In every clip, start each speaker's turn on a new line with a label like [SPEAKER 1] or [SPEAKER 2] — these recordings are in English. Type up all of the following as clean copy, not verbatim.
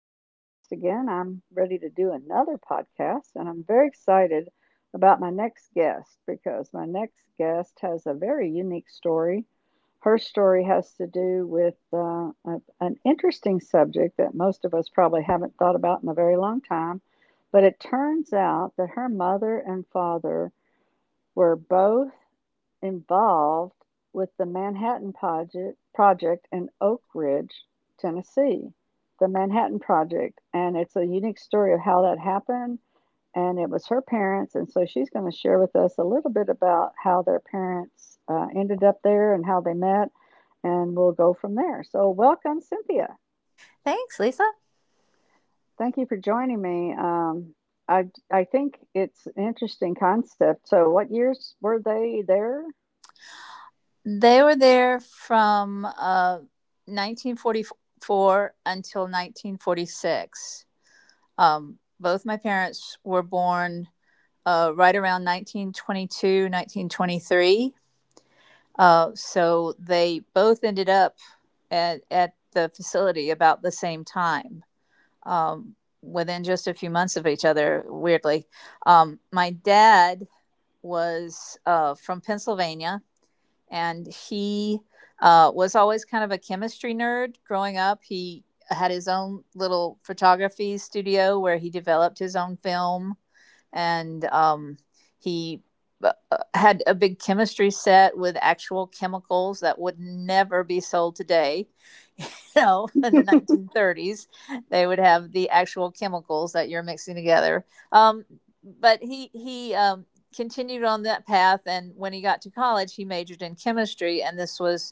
[SPEAKER 1] podcast again. I'm ready to do another podcast, and I'm very excited about my next guest because my next guest has a very unique story. Her story has to do with an interesting subject that most of us probably haven't thought about in a very long time. But it turns out that her mother and father were both involved with the Manhattan Project in Oak Ridge, Tennessee. The Manhattan Project, and it's a unique story of how that happened. And it was her parents, and so she's going to share with us a little bit about how their parents ended up there and how they met, and we'll go from there. So, welcome, Cynthia.
[SPEAKER 2] Thanks, Lisa.
[SPEAKER 1] Thank you for joining me. I I think it's an interesting concept. So, what years were they there?
[SPEAKER 2] They were there from 1944 until 1946. Both my parents were born right around 1922, 1923. So they both ended up at the facility about the same time, um, within just a few months of each other, weirdly. My dad was from Pennsylvania, and he was always kind of a chemistry nerd growing up. He had his own little photography studio where he developed his own film, and he had a big chemistry set with actual chemicals that would never be sold today. In the 1930s, they would have the actual chemicals that you're mixing together. Um, but he continued on that path, and when he got to college, he majored in chemistry, and this was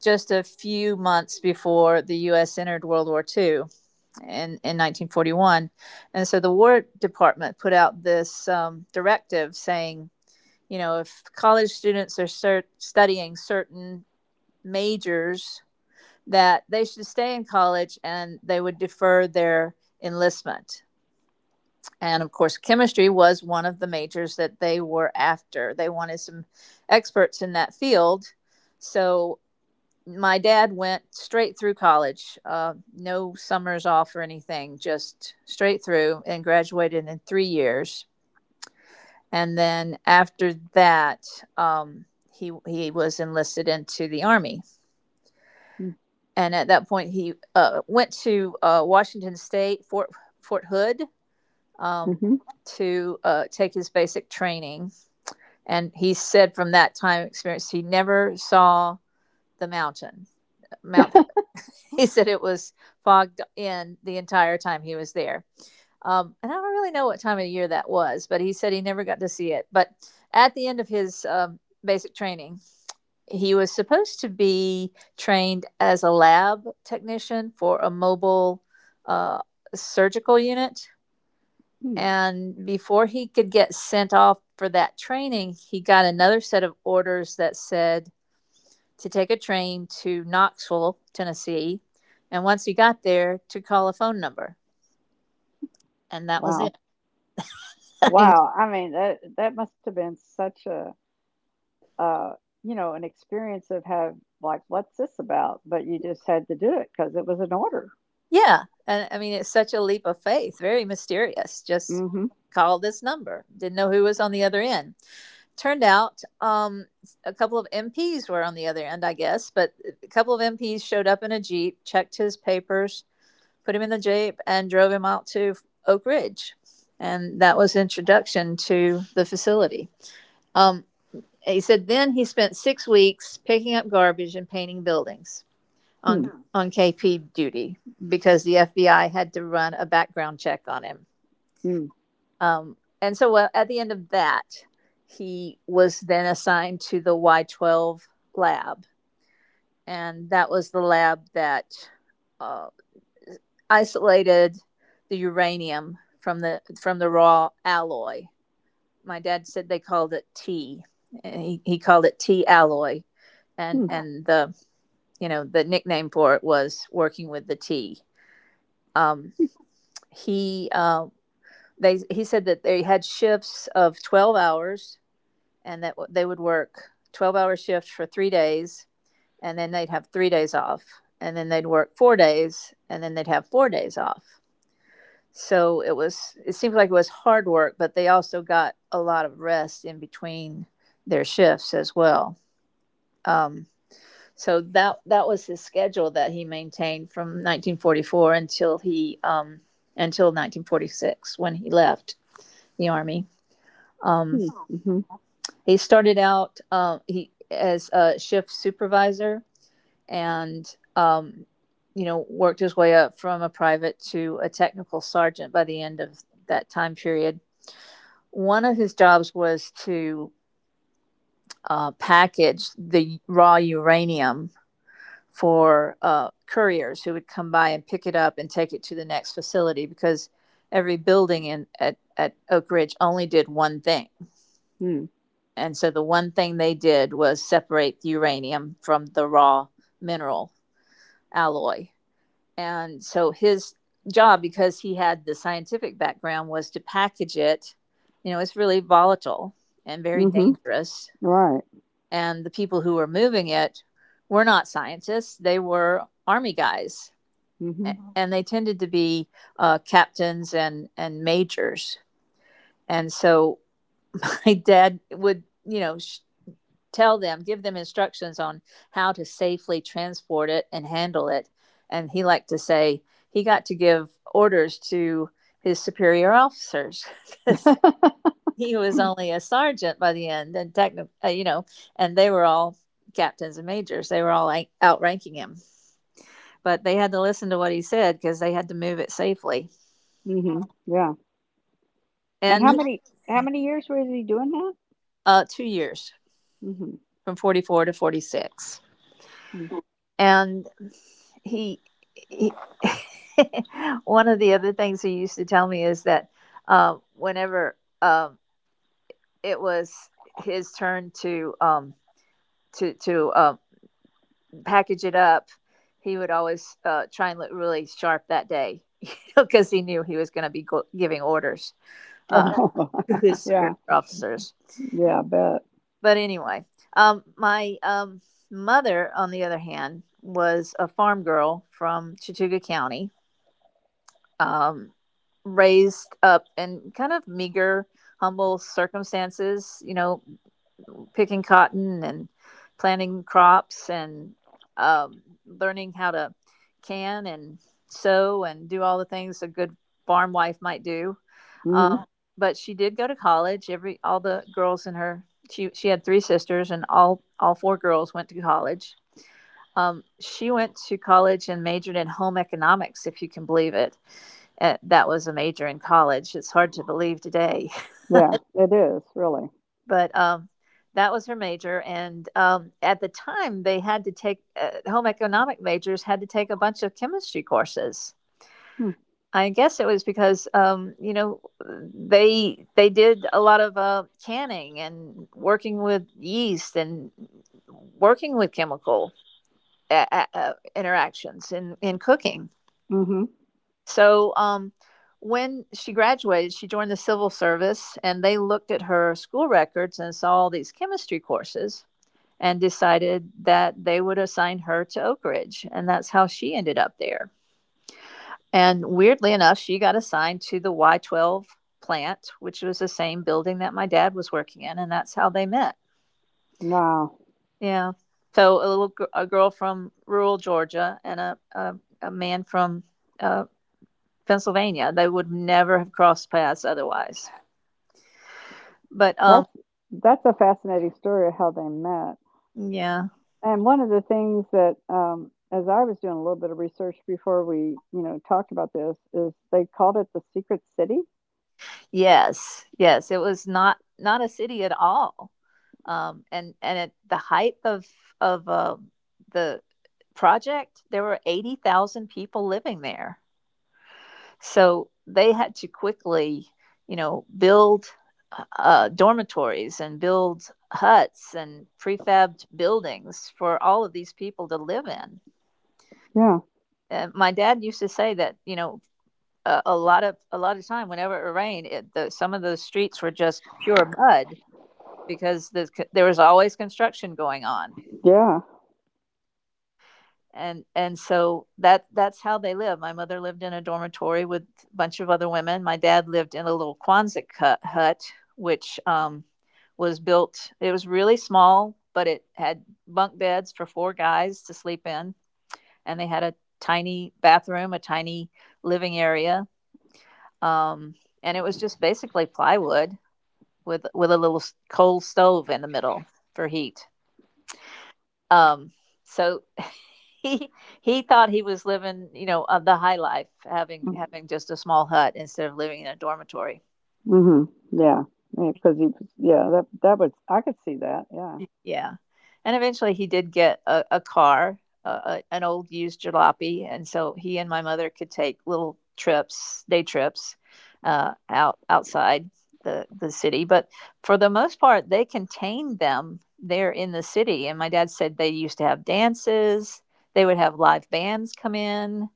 [SPEAKER 2] just a few months before the U.S. entered World War II in 1941. And so the War Department put out this directive saying, if college students are studying certain majors, that they should stay in college and they would defer their enlistment. And of course, chemistry was one of the majors that they were after. They wanted some experts in that field. So my dad went straight through college, no summers off or anything, just straight through and graduated in 3 years. And then after that, um, he was enlisted into the army.
[SPEAKER 1] Hmm.
[SPEAKER 2] And at that point, he went to Washington State, Fort Hood, um,
[SPEAKER 1] Mm-hmm.
[SPEAKER 2] to take his basic training. And he said from that time experience, he never saw the mountain Mount. He said it was fogged in the entire time he was there. And I don't really know what time of year that was, but he said he never got to see it. But at the end of his basic training, he was supposed to be trained as a lab technician for a mobile uh, surgical unit. And before he could get sent off for that training, he got another set of orders that said to take a train to Knoxville, Tennessee. And once you got there, to call a phone number. And that was
[SPEAKER 1] Wow.
[SPEAKER 2] it. I mean,
[SPEAKER 1] Wow, I mean that must have been such a uh you know an experience of have like what's this about? But you just had to do it because it was an order.
[SPEAKER 2] yeah. And I mean, it's such a leap of faith, very mysterious. Just
[SPEAKER 1] Mm-hmm.
[SPEAKER 2] call this number. Didn't know who was on the other end. Turned out a couple of MPs were on the other end, I guess, but a couple of MPs showed up in a Jeep, checked his papers, put him in the Jeep, and drove him out to Oak Ridge. And that was introduction to the facility. Um, he said then he spent 6 weeks picking up garbage and painting buildings on
[SPEAKER 1] Hmm.
[SPEAKER 2] hmm. on KP duty because the FBI had to run a background check on him.
[SPEAKER 1] Hmm.
[SPEAKER 2] And so at the end of that, he was then assigned to the Y12 lab, and that was the lab that uh, isolated the uranium from the raw alloy. My dad said they called it T. He called it T alloy, and
[SPEAKER 1] Hmm.
[SPEAKER 2] and the, you know, the nickname for it was working with the T. Um, he they he said that they had shifts of 12 hours, and that they would work 12-hour shifts for 3 days, and then they'd have 3 days off, and then they'd work 4 days, and then they'd have 4 days off. So it seemed like it was hard work, but they also got a lot of rest in between their shifts as well. Um, So that that was his schedule that he maintained from 1944 until he until 1946 when he left the army. Um,
[SPEAKER 1] Hmm. Mm-hmm.
[SPEAKER 2] he started out he as a shift supervisor, and um, worked his way up from a private to a technical sergeant by the end of that time period. One of his jobs was to package the raw uranium for couriers who would come by and pick it up and take it to the next facility, because every building at Oak Ridge only did one thing.
[SPEAKER 1] Hmm.
[SPEAKER 2] And so the one thing they did was separate the uranium from the raw mineral alloy. And so his job, because he had the scientific background, was to package it. It's really volatile and very
[SPEAKER 1] Mm-hmm.
[SPEAKER 2] dangerous.
[SPEAKER 1] Right.
[SPEAKER 2] And the people who were moving it were not scientists, they were army guys, and they tended to be captains and majors. And so my dad would, tell them, give them instructions on how to safely transport it and handle it. And he liked to say he got to give orders to his superior officers because
[SPEAKER 1] Mm-hmm.
[SPEAKER 2] he was only a sergeant by the end, and techni- you know, and they were all captains and majors. They were all, like, outranking him, but they had to listen to what he said because they had to move it safely.
[SPEAKER 1] Mm-hmm. Yeah. And
[SPEAKER 2] And
[SPEAKER 1] how
[SPEAKER 2] he,
[SPEAKER 1] many how many years was he doing
[SPEAKER 2] 2 years,
[SPEAKER 1] that? Mm-hmm.
[SPEAKER 2] from 44 to 46.
[SPEAKER 1] Mm.
[SPEAKER 2] And he, he one of the other things he used to tell me is that whenever it was his turn to to to uh, package it up, he would always try and look really sharp that day because he knew he was going to be giving orders uh,
[SPEAKER 1] Oh.
[SPEAKER 2] to his superior
[SPEAKER 1] Yeah.
[SPEAKER 2] officers.
[SPEAKER 1] Yeah. I bet.
[SPEAKER 2] But anyway, my mother, on the other hand, was a farm girl from Chattooga County, um, raised up in kind of meager, humble circumstances. You know, picking cotton and planting crops, and learning how to can and sew and do all the things a good farm wife might do.
[SPEAKER 1] Mm-hmm.
[SPEAKER 2] Um, but she did go to college. Every all the girls in her she had three sisters, and all four girls went to college. She went to college and majored in home economics, if you can believe it. That was a major in college. It's hard to believe today,
[SPEAKER 1] Yeah. It is really.
[SPEAKER 2] but that was her major. And at the time, they had to take home economic majors had to take a bunch of chemistry courses.
[SPEAKER 1] Hmm.
[SPEAKER 2] I guess it was because they did a lot of canning and working with yeast and working with chemical interactions in cooking.
[SPEAKER 1] Mm-hmm.
[SPEAKER 2] So when she graduated, she joined the civil service, and they looked at her school records and saw all these chemistry courses and decided that they would assign her to Oak Ridge. And that's how she ended up there. And weirdly enough, she got assigned to the Y12 plant, which was the same building that my dad was working in. And that's how they met.
[SPEAKER 1] Wow.
[SPEAKER 2] Yeah. So a girl from rural Georgia, and a man from uh, Pennsylvania. They would never have crossed paths otherwise. But
[SPEAKER 1] That's that's a fascinating story of how they met.
[SPEAKER 2] yeah.
[SPEAKER 1] And one of the things that, as I was doing a little bit of research before we talked about this, is they called it the Secret City.
[SPEAKER 2] Yes, yes, it was not a city at all, and at the height of the project, there were 80,000 people living there. So they had to quickly, build dormitories and build huts and prefabbed buildings for all of these people to live in.
[SPEAKER 1] Yeah.
[SPEAKER 2] And my dad used to say that, a lot of time whenever it rained, some of those streets were just pure mud because, there was always construction going on.
[SPEAKER 1] Mm-hmm.
[SPEAKER 2] And so that's how they live. My mother lived in a dormitory with a bunch of other women. My dad lived in a little Quonset hut, which, was built. It was really small, but it had bunk beds for four guys to sleep in, and they had a tiny bathroom, a tiny living area, um, and it was just basically plywood, with a little coal stove in the middle for heat. Um, so he he thought he was living, the high life, having just a small hut instead of living in a dormitory.
[SPEAKER 1] Yeah. Hmm. Yeah, because he, yeah, that was I could see that. Yeah.
[SPEAKER 2] Yeah, and eventually he did get a car, an old used jalopy, and so he and my mother could take little trips, day trips, outside the city. But for the most part, they contained them there in the city. And my dad said they used to have dances. They would have live bands come in.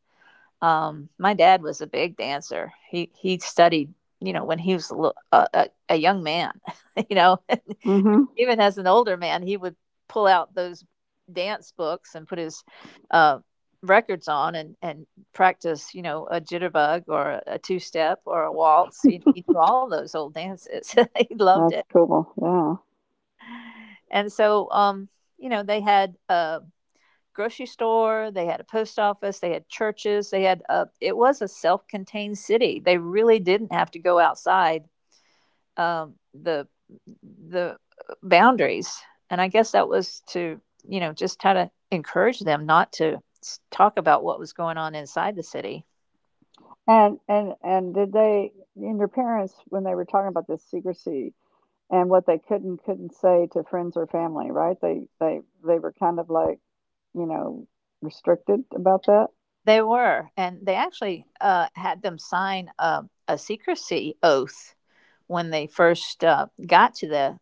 [SPEAKER 2] My dad was a big dancer. He studied, when he was a young man. you know,
[SPEAKER 1] Hmm.
[SPEAKER 2] Even as an older man, he would pull out those dance books and put his uh, records on, and practice, a jitterbug or a two step or a waltz. He knew all those old dances. He loved it.
[SPEAKER 1] That's cool. Yeah.
[SPEAKER 2] And so, you know, they had grocery store, they had a post office, they had churches, they had a, it was a self-contained city. They really didn't have to go outside um, the the boundaries. And I guess that was to, you know, just try to encourage them not to talk about what was going on inside the city.
[SPEAKER 1] And did they and your parents when they were talking about this secrecy and what they could and couldn't say to friends or family, right? They were kind of like you know, restricted about that?
[SPEAKER 2] They were, and they actually had them sign a secrecy oath when they first got to the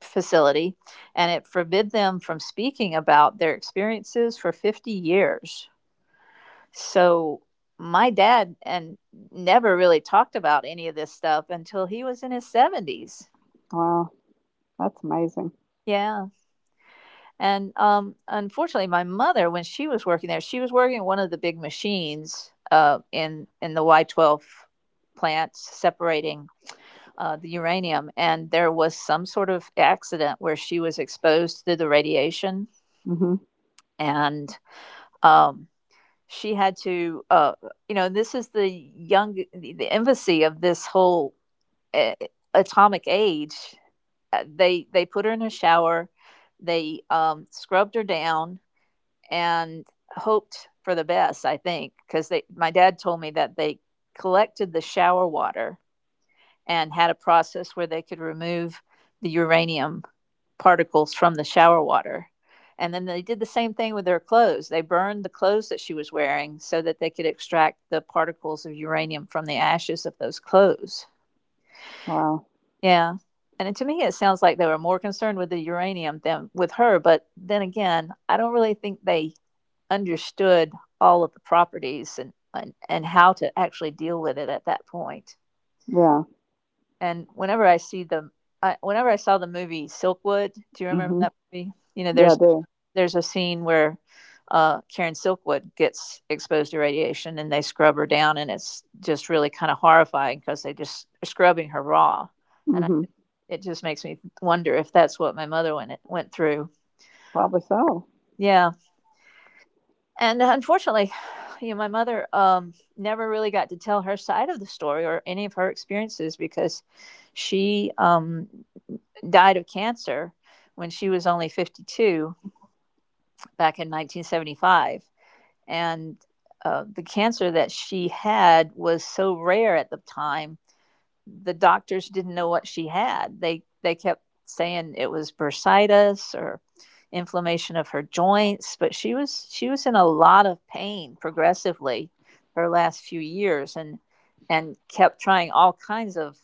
[SPEAKER 2] facility, and it forbid them from speaking about their experiences for 50 years. So my dad and never really talked about any of this stuff until he was in his 70s.
[SPEAKER 1] Wow, that's amazing.
[SPEAKER 2] Yeah. And unfortunately, my mother, when she was working there, she was working at one of the big machines in the Y12 plant, separating the uranium, and there was some sort of accident where she was exposed to the radiation.
[SPEAKER 1] Mhm.
[SPEAKER 2] And um she had to you know, this is the young the infancy of this whole uh, atomic age. They put her in a shower, they scrubbed her down, and hoped for the best, I think, because they, my dad told me that they collected the shower water and had a process where they could remove the uranium particles from the shower water. And then they did the same thing with their clothes. They burned the clothes that she was wearing so that they could extract the particles of uranium from the ashes of those clothes.
[SPEAKER 1] Wow.
[SPEAKER 2] Yeah. And to me, it sounds like they were more concerned with the uranium than with her. But then again, I don't really think they understood all of the properties and, how to actually deal with it at that point.
[SPEAKER 1] Yeah.
[SPEAKER 2] And whenever I see whenever I saw the movie Silkwood, do you remember
[SPEAKER 1] Mhm.
[SPEAKER 2] that movie? You know,
[SPEAKER 1] Yeah, I do.
[SPEAKER 2] there's a scene where Karen Silkwood gets exposed to radiation and they scrub her down, and it's just really kind of horrifying because they just are scrubbing her raw, and
[SPEAKER 1] Mhm.
[SPEAKER 2] it just makes me wonder if that's what my mother went through.
[SPEAKER 1] Probably so.
[SPEAKER 2] Yeah, and unfortunately, you know, my mother never really got to tell her side of the story or any of her experiences because she died of cancer when she was only 52, back in 1975. And the cancer that she had was so rare at the time, the doctors didn't know what she had. They kept saying it was bursitis or inflammation of her joints, but she was in a lot of pain progressively her last few years, and kept trying all kinds of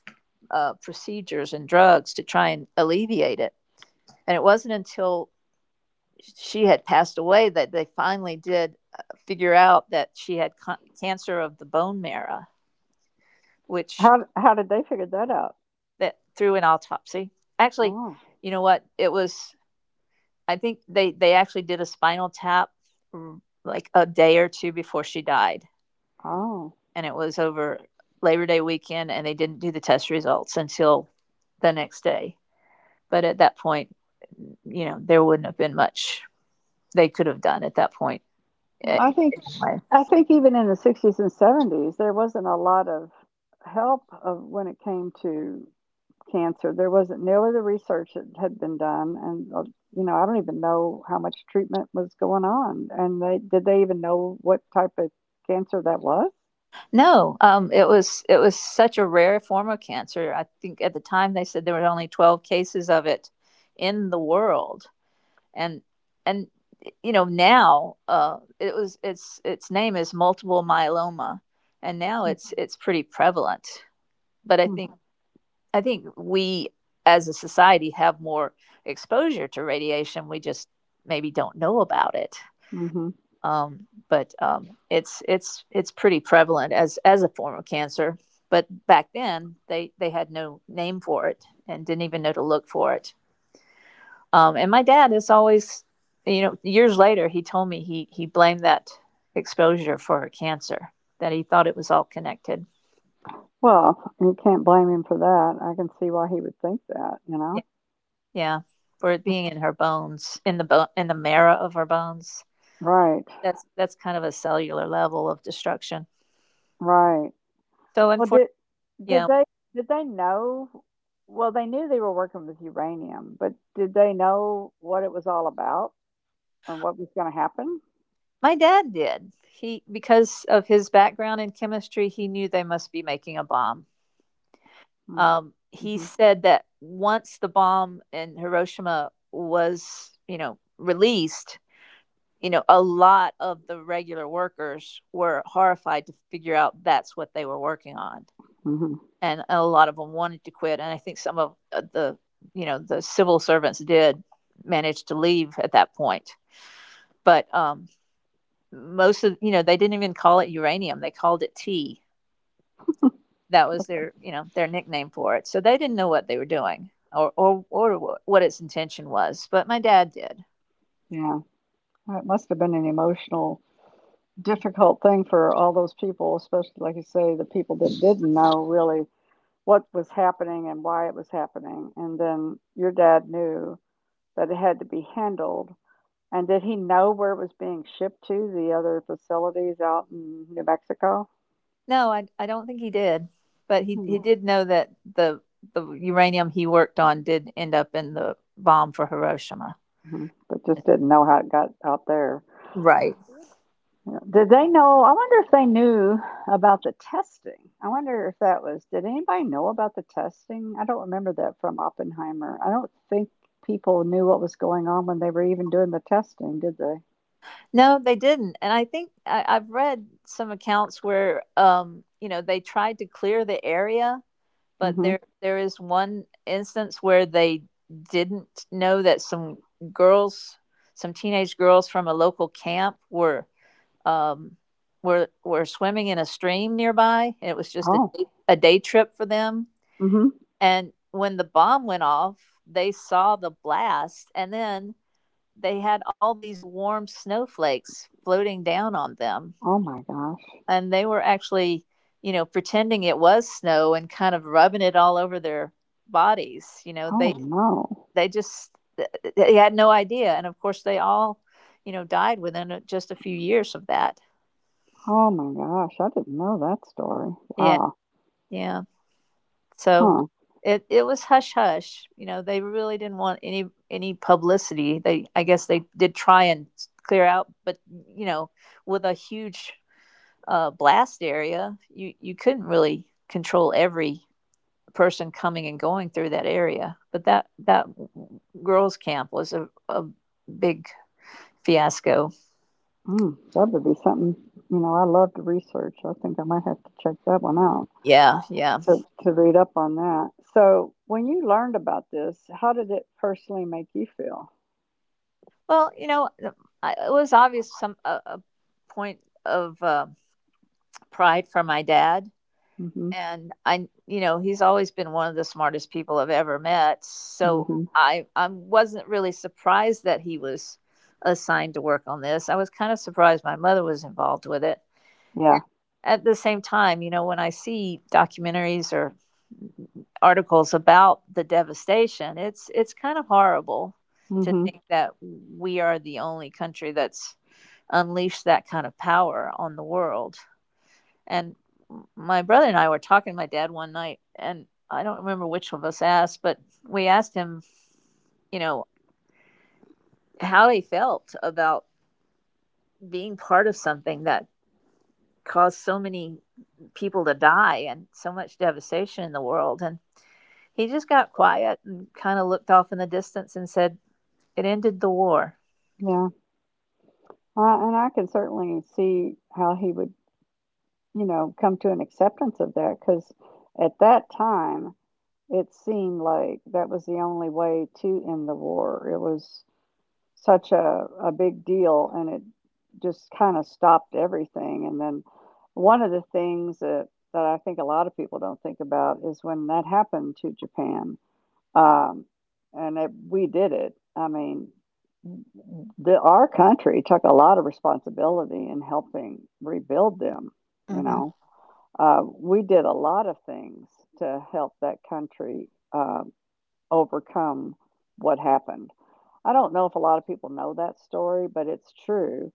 [SPEAKER 2] procedures and drugs to try and alleviate it. And it wasn't until she had passed away that they finally did figure out that she had cancer of the bone marrow, which
[SPEAKER 1] How did they figure that out?
[SPEAKER 2] that through an autopsy. Actually,
[SPEAKER 1] Oh.
[SPEAKER 2] you know what? It was, I think they actually did a spinal tap, like a day or two before she died,
[SPEAKER 1] Oh.
[SPEAKER 2] and it was over Labor Day weekend, and they didn't do the test results until the next day. But at that point, you know, there wouldn't have been much they could have done at that point.
[SPEAKER 1] Well,
[SPEAKER 2] eh,
[SPEAKER 1] I think
[SPEAKER 2] Anyway.
[SPEAKER 1] I think even in the 60s and 70s there wasn't a lot of help of when it came to cancer. There wasn't nearly the research that had been done, and I don't even know how much treatment was going on, and they did they even know what type of cancer that was?
[SPEAKER 2] No, it was such a rare form of cancer. I think at the time they said there were only 12 cases of it in the world, and and you know, now it was its name is multiple myeloma, and now
[SPEAKER 1] Mhm,
[SPEAKER 2] it's pretty prevalent. But I think we as a society have more exposure to radiation. We just maybe don't know about it.
[SPEAKER 1] mhm.
[SPEAKER 2] But it's pretty prevalent as a form of cancer. But back then, they had no name for it and didn't even know to look for it. And my dad is always, you know, years later, he told me he blamed that exposure for cancer, that he thought it was all connected.
[SPEAKER 1] Well, you can't blame him for that. I can see why he would think that, you
[SPEAKER 2] Yeah,
[SPEAKER 1] know?
[SPEAKER 2] yeah, for it
[SPEAKER 1] That's
[SPEAKER 2] being in her bones, in the bone, in the marrow of her bones.
[SPEAKER 1] right.
[SPEAKER 2] That's kind of a cellular level of destruction.
[SPEAKER 1] Right.
[SPEAKER 2] So
[SPEAKER 1] Well,
[SPEAKER 2] unfortunately,
[SPEAKER 1] did
[SPEAKER 2] yeah.
[SPEAKER 1] they did they know, well, they knew they were working with uranium, but did they know what it was all about or what was going to happen?
[SPEAKER 2] My dad did. He, because of his background in chemistry, he knew they must be making a bomb. He
[SPEAKER 1] Mm-hmm.
[SPEAKER 2] said that once the bomb in Hiroshima was, you know, released, you know, a lot of the regular workers were horrified to figure out that's what they were working on.
[SPEAKER 1] Hmm.
[SPEAKER 2] And a lot of them wanted to quit, and I think some of you know, the civil servants did manage to leave at that point. But most of, you know, they didn't even call it uranium; they called it tea. That was their, you know, their nickname for it. So they didn't know what they were doing or or what its intention was. But my dad did.
[SPEAKER 1] Yeah. Well, it must have been an emotional, difficult thing for all those people, especially like you say, the people that didn't know really what was happening and why it was happening. And then your dad knew that it had to be handled. And did he know where it was being shipped to, the other facilities out in New Mexico?
[SPEAKER 2] No, I don't think he did, but he did know that the the uranium he worked on did end up in the bomb for Hiroshima.
[SPEAKER 1] Mm-hmm. But just didn't know how it got out there.
[SPEAKER 2] Right.
[SPEAKER 1] Yeah. Did they know? I wonder if they knew about the testing. I wonder if that was. Did anybody know about the testing? I don't remember that from Oppenheimer. I don't think people knew what was going on when they were even doing the testing, did they?
[SPEAKER 2] No, they didn't. And I think I've read some accounts where, you know, they tried to clear the area, but
[SPEAKER 1] Mm-hmm.
[SPEAKER 2] there is one instance where they didn't know that girls, some teenage girls from a local camp were um, were swimming in a stream nearby, and it was just
[SPEAKER 1] Oh.
[SPEAKER 2] a day trip for them.
[SPEAKER 1] Mm-hmm.
[SPEAKER 2] And when the bomb went off, they saw the blast, and then they had all these warm snowflakes floating down on them,
[SPEAKER 1] Oh my gosh.
[SPEAKER 2] and they were actually, you know, pretending it was snow and kind of rubbing it all over their bodies. You know,
[SPEAKER 1] Oh no.
[SPEAKER 2] they just they had no idea, and of course they all, you know, died within just a few years of that.
[SPEAKER 1] Oh my gosh. I didn't know that story.
[SPEAKER 2] Yeah,
[SPEAKER 1] Wow.
[SPEAKER 2] yeah. So
[SPEAKER 1] Huh.
[SPEAKER 2] it was hush hush. You know, they really didn't want any publicity. They, I guess they did try and clear out, but you know, with a huge blast area, you couldn't really control every person coming and going through that area. But that girls' camp was a big fiasco.
[SPEAKER 1] Mm, that would be something. You know, I love to research. I think I might have to check that one out
[SPEAKER 2] Yeah, yeah.
[SPEAKER 1] to read up on that. So, when you learned about this, how did it personally make you feel?
[SPEAKER 2] Well, you know, it was obvious, a point of pride for my dad,
[SPEAKER 1] Hmm.
[SPEAKER 2] and I, you know, he's always been one of the smartest people I've ever met. So
[SPEAKER 1] Hmm.
[SPEAKER 2] I wasn't really surprised that he was assigned to work on this. I was kind of surprised my mother was involved with it.
[SPEAKER 1] Yeah.
[SPEAKER 2] And at the same time, you know, when I see documentaries or articles about the devastation, it's kind of horrible to
[SPEAKER 1] Hmm.
[SPEAKER 2] think that we are the only country that's unleashed that kind of power on the world. And my brother and I were talking to my dad one night, and I don't remember which of us asked, but we asked him, you know, how he felt about being part of something that caused so many people to die and so much devastation in the world. And he just got quiet and kind of looked off in the distance and said, it ended the war.
[SPEAKER 1] Yeah. And I can certainly see how he would come to an acceptance of that, because at that time, it seemed like that was the only way to end the war. It was such a big deal, and it just kinda stopped everything, and then one of the things that I think a lot of people don't think about is when that happened to Japan, um, and it we did it. I mean, the our country took a lot of responsibility in helping rebuild them, you
[SPEAKER 2] hmm
[SPEAKER 1] know? We did a lot of things to help that country, overcome what happened. I don't know if a lot of people know that story, but it's true.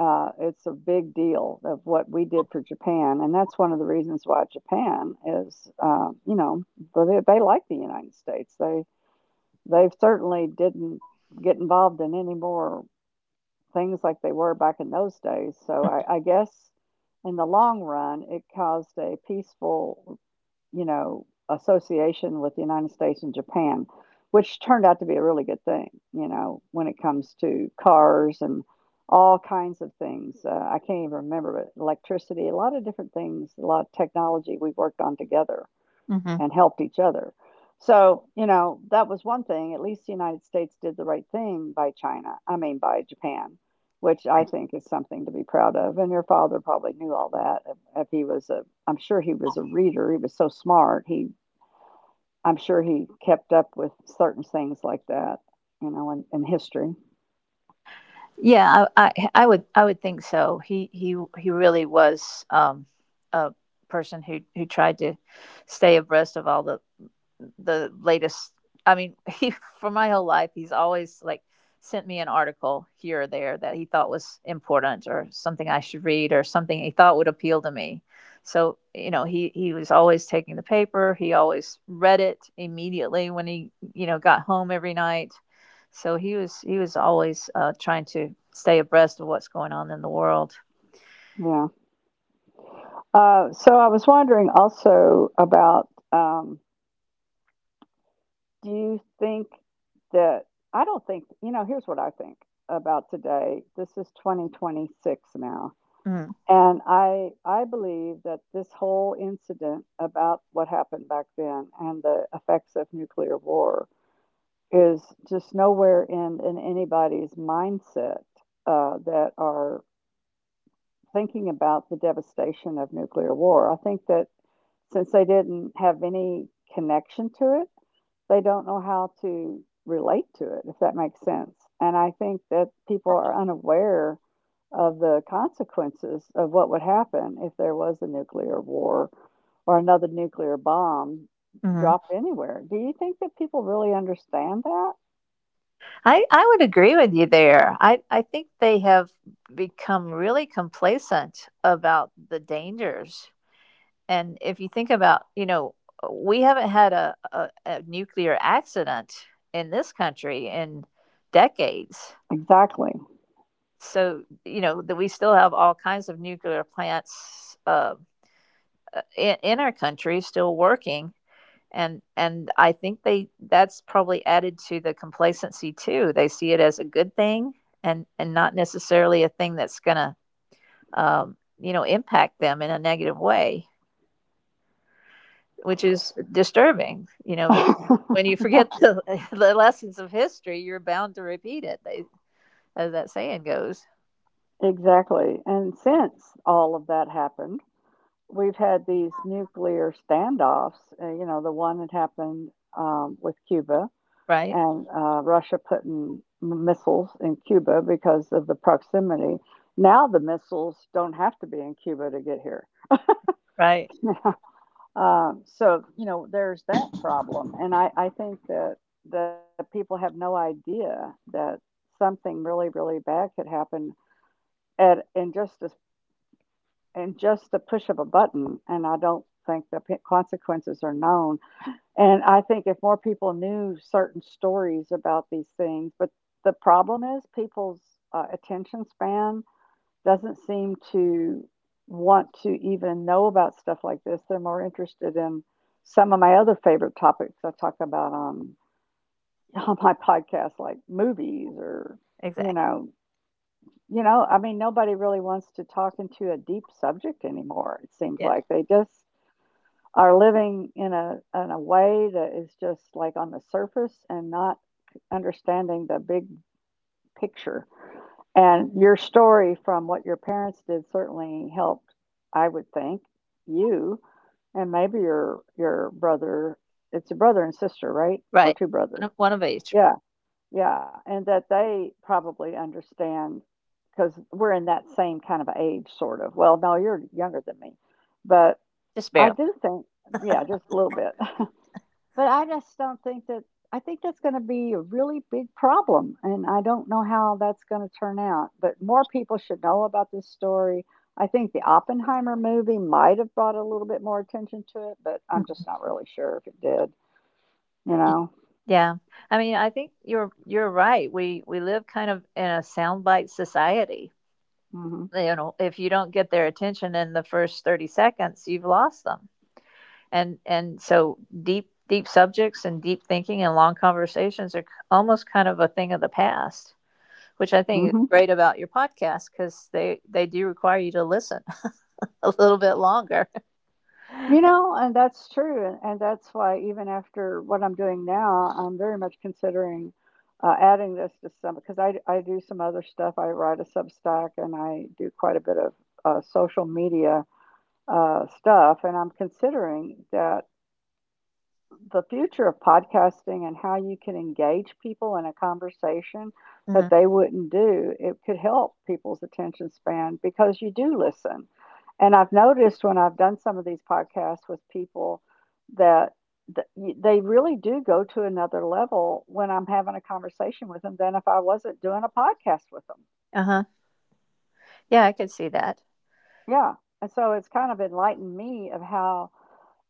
[SPEAKER 1] It's a big deal of what we did for Japan, and that's one of the reasons why Japan is, they like the United States. They certainly didn't get involved in any more things like they were back in those days. So I guess in the long run, it caused a peaceful association with the United States and Japan, which turned out to be a really good thing when it comes to cars and all kinds of things. I can't even remember, but electricity, a lot of different things, a lot of technology we worked on together
[SPEAKER 2] hmm
[SPEAKER 1] and helped each other. So, that was one thing. At least the United States did the right thing by China, I mean, by Japan, which I think is something to be proud of. And your father probably knew all that. If he was a, I'm sure he was a reader. He was so smart. I'm sure he kept up with certain things like that in history.
[SPEAKER 2] Yeah, I would, I would think so. He he really was, a person who tried to stay abreast of all the latest. I mean, he, for my whole life, he's always like sent me an article here or there that he thought was important or something I should read or something he thought would appeal to me. So you know, he was always taking the paper. He always read it immediately when he, you know, got home every night, so he was always trying to stay abreast of what's going on in the world.
[SPEAKER 1] Yeah. So I was wondering also about, do you think that I don't think, here's what I think about today. This is 2026 now,
[SPEAKER 2] Mm,
[SPEAKER 1] and I believe that this whole incident about what happened back then and the effects of nuclear war is just nowhere in anybody's mindset, that are thinking about the devastation of nuclear war. I think that since they didn't have any connection to it, they don't know how to relate to it, if that makes sense. And I think that people are unaware of the consequences of what would happen if there was a nuclear war or another nuclear bomb
[SPEAKER 2] mm-hmm.
[SPEAKER 1] dropped anywhere. Do you think that people really understand that?
[SPEAKER 2] I would agree with you there. I think they have become really complacent about the dangers. And if you think about, you know, we haven't had a nuclear accident in this country in decades.
[SPEAKER 1] Exactly.
[SPEAKER 2] So you know that we still have all kinds of nuclear plants, in our country still working, and I think they, that's probably added to the complacency too. They see it as a good thing, and not necessarily a thing that's gonna, you know, impact them in a negative way, which is disturbing, you know, because when you forget the lessons of history, you're bound to repeat it, they, as that saying goes.
[SPEAKER 1] Exactly. And since all of that happened, we've had these nuclear standoffs. The one that happened with Cuba,
[SPEAKER 2] Right,
[SPEAKER 1] and Russia putting missiles in Cuba because of the proximity. Now the missiles don't have to be in Cuba to get here.
[SPEAKER 2] right,
[SPEAKER 1] So there's that problem, and I think that people have no idea that something really really bad could happen at in just a, in just the push of a button, and I don't think the consequences are known. And I think if more people knew certain stories about these things, but the problem is people's attention span doesn't seem to want to even know about stuff like this. They're more interested in some of my other favorite topics I talk about on on my podcast, like movies or you
[SPEAKER 2] exactly,
[SPEAKER 1] know, I mean, nobody really wants to talk into a deep subject anymore. It seems
[SPEAKER 2] yeah.
[SPEAKER 1] like they just are living in a way that is just like on the surface and not understanding the big picture. And your story from what your parents did certainly helped, I would think, you and maybe your brother. It's a brother and sister, right? Or
[SPEAKER 2] Right.
[SPEAKER 1] two brothers.
[SPEAKER 2] One of each,
[SPEAKER 1] Yeah, yeah. And that they probably understand, because we're in that same kind of age, sort of. Well, no, you're younger than me, but
[SPEAKER 2] just
[SPEAKER 1] I
[SPEAKER 2] barely.
[SPEAKER 1] do think, yeah, just a little bit. But I just don't think that I think that's going to be a really big problem, and I don't know how that's going to turn out. But more people should know about this story. I think the Oppenheimer movie might have brought a little bit more attention to it, but I'm
[SPEAKER 2] Mhm.
[SPEAKER 1] just not really sure if it did. You know.
[SPEAKER 2] Yeah. I mean, I think you're right. We live kind of in a soundbite society.
[SPEAKER 1] Mm hmm.
[SPEAKER 2] You know, if you don't get their attention in the first 30 seconds, you've lost them. And so deep subjects and deep thinking and long conversations are almost kind of a thing of the past, which I think
[SPEAKER 1] Mm
[SPEAKER 2] is
[SPEAKER 1] hmm.
[SPEAKER 2] great about your podcast, cuz they do require you to listen a little bit longer.
[SPEAKER 1] You know, and that's true. And that's why, even after what I'm doing now, I'm very much considering adding this to some, because I do some other stuff. I write a Substack and I do quite a bit of social media stuff. And I'm considering that the future of podcasting and how you can engage people in a conversation that
[SPEAKER 2] Mhm.
[SPEAKER 1] they wouldn't do, it could help people's attention span because you do listen. And I've noticed when I've done some of these podcasts with people that they really do go to another level when I'm having a conversation with them than if I wasn't doing a podcast with them.
[SPEAKER 2] Uh-huh. Yeah, I could see that.
[SPEAKER 1] Yeah. And so it's kind of enlightened me. of how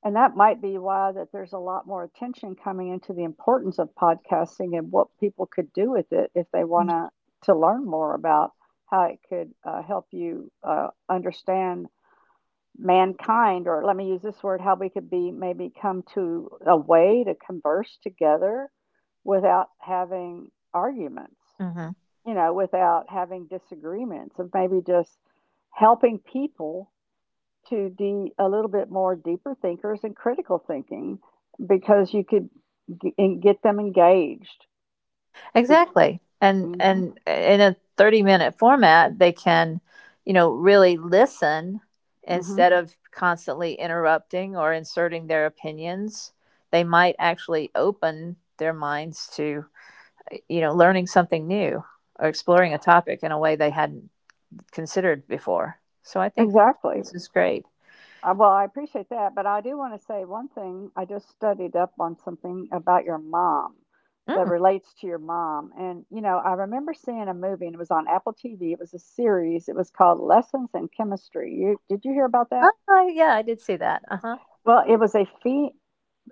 [SPEAKER 1] And that might be why that there's a lot more attention coming into the importance of podcasting, and what people could do with it if they want
[SPEAKER 2] Mhm.
[SPEAKER 1] to learn more about how it could help you understand mankind, or let me use this word, how we could be, maybe come to a way to converse together without having arguments,
[SPEAKER 2] Mhm.
[SPEAKER 1] you know, without having disagreements, and maybe just helping people to the a little bit more deeper thinkers, and critical thinking, because you could and get them engaged. Be-
[SPEAKER 2] Exactly.
[SPEAKER 1] hmm.
[SPEAKER 2] And in a 30-minute format, they can, you know, really listen
[SPEAKER 1] Hmm.
[SPEAKER 2] instead of constantly interrupting or inserting their opinions. They might actually open their minds to, you know, learning something new or exploring a topic in a way they hadn't considered before. So I think
[SPEAKER 1] Exactly.
[SPEAKER 2] this is great.
[SPEAKER 1] Well, I appreciate that, but I do want to say one thing. I just studied up on something about your mom that
[SPEAKER 2] Mm.
[SPEAKER 1] relates to your mom. And I remember seeing a movie, and it was on Apple TV. It was a series. It was called Lessons in Chemistry. Did you hear about that?
[SPEAKER 2] Oh, yeah, I did see that. Uh-huh.
[SPEAKER 1] Well, it was a fe-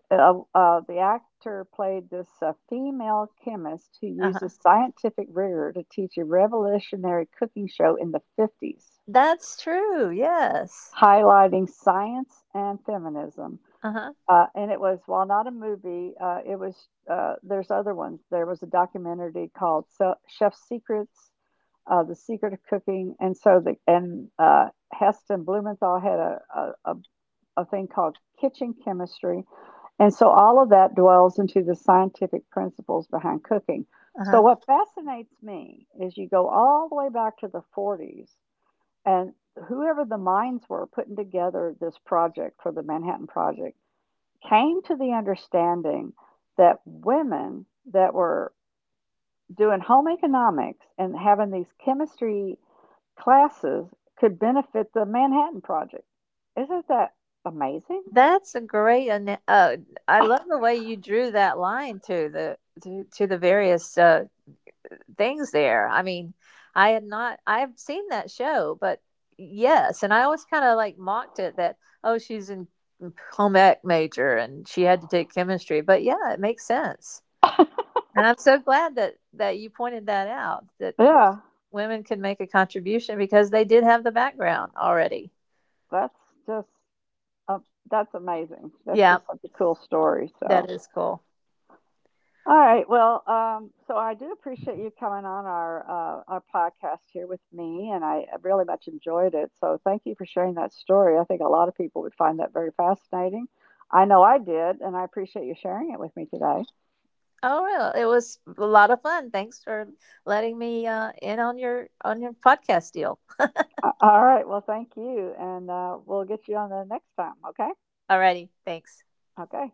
[SPEAKER 1] uh, uh, the actor played this female chemist who uses
[SPEAKER 2] Uh-huh.
[SPEAKER 1] scientific rigor to teach a revolutionary cooking show in the 50s,
[SPEAKER 2] That's true. Yes.
[SPEAKER 1] highlighting science and feminism.
[SPEAKER 2] Uh-huh.
[SPEAKER 1] And it was, while not a movie, it was, there's other ones. There was a documentary called Chef's Secrets, The Secret of Cooking. And so, the, and Heston Blumenthal had a, a, a thing called Kitchen Chemistry. And so all of that dwells into the scientific principles behind cooking. So
[SPEAKER 2] Uh-huh.
[SPEAKER 1] what fascinates me is you go all the way back to the 40s, and whoever the minds were putting together this project for the Manhattan Project came to the understanding that women that were doing home economics and having these chemistry classes could benefit the Manhattan Project. Isn't that amazing?
[SPEAKER 2] That's a great. I love the way you drew that line to to the various things there. I mean, I had not. I have seen that show, but yes, and I always kind of like mocked it that oh, she's in home ec major and she had to take chemistry. But yeah, it makes sense, and I'm so glad that you pointed that out, that
[SPEAKER 1] Yeah,
[SPEAKER 2] women can make a contribution because they did have the background already.
[SPEAKER 1] that's just Oh, that's amazing. That's
[SPEAKER 2] Yeah,
[SPEAKER 1] just such a cool story,
[SPEAKER 2] that
[SPEAKER 1] so,
[SPEAKER 2] is cool.
[SPEAKER 1] all right, well, so I do appreciate you coming on our podcast here with me, and I really much enjoyed it, so thank you for sharing that story. I think a lot of people would find that very fascinating. I know I did, and I appreciate you sharing it with me today.
[SPEAKER 2] Oh, well, it was a lot of fun. Thanks for letting me in on your podcast deal.
[SPEAKER 1] A all right, well, thank you, and, we'll get you on the next time, okay?
[SPEAKER 2] Alrighty, thanks.
[SPEAKER 1] Okay.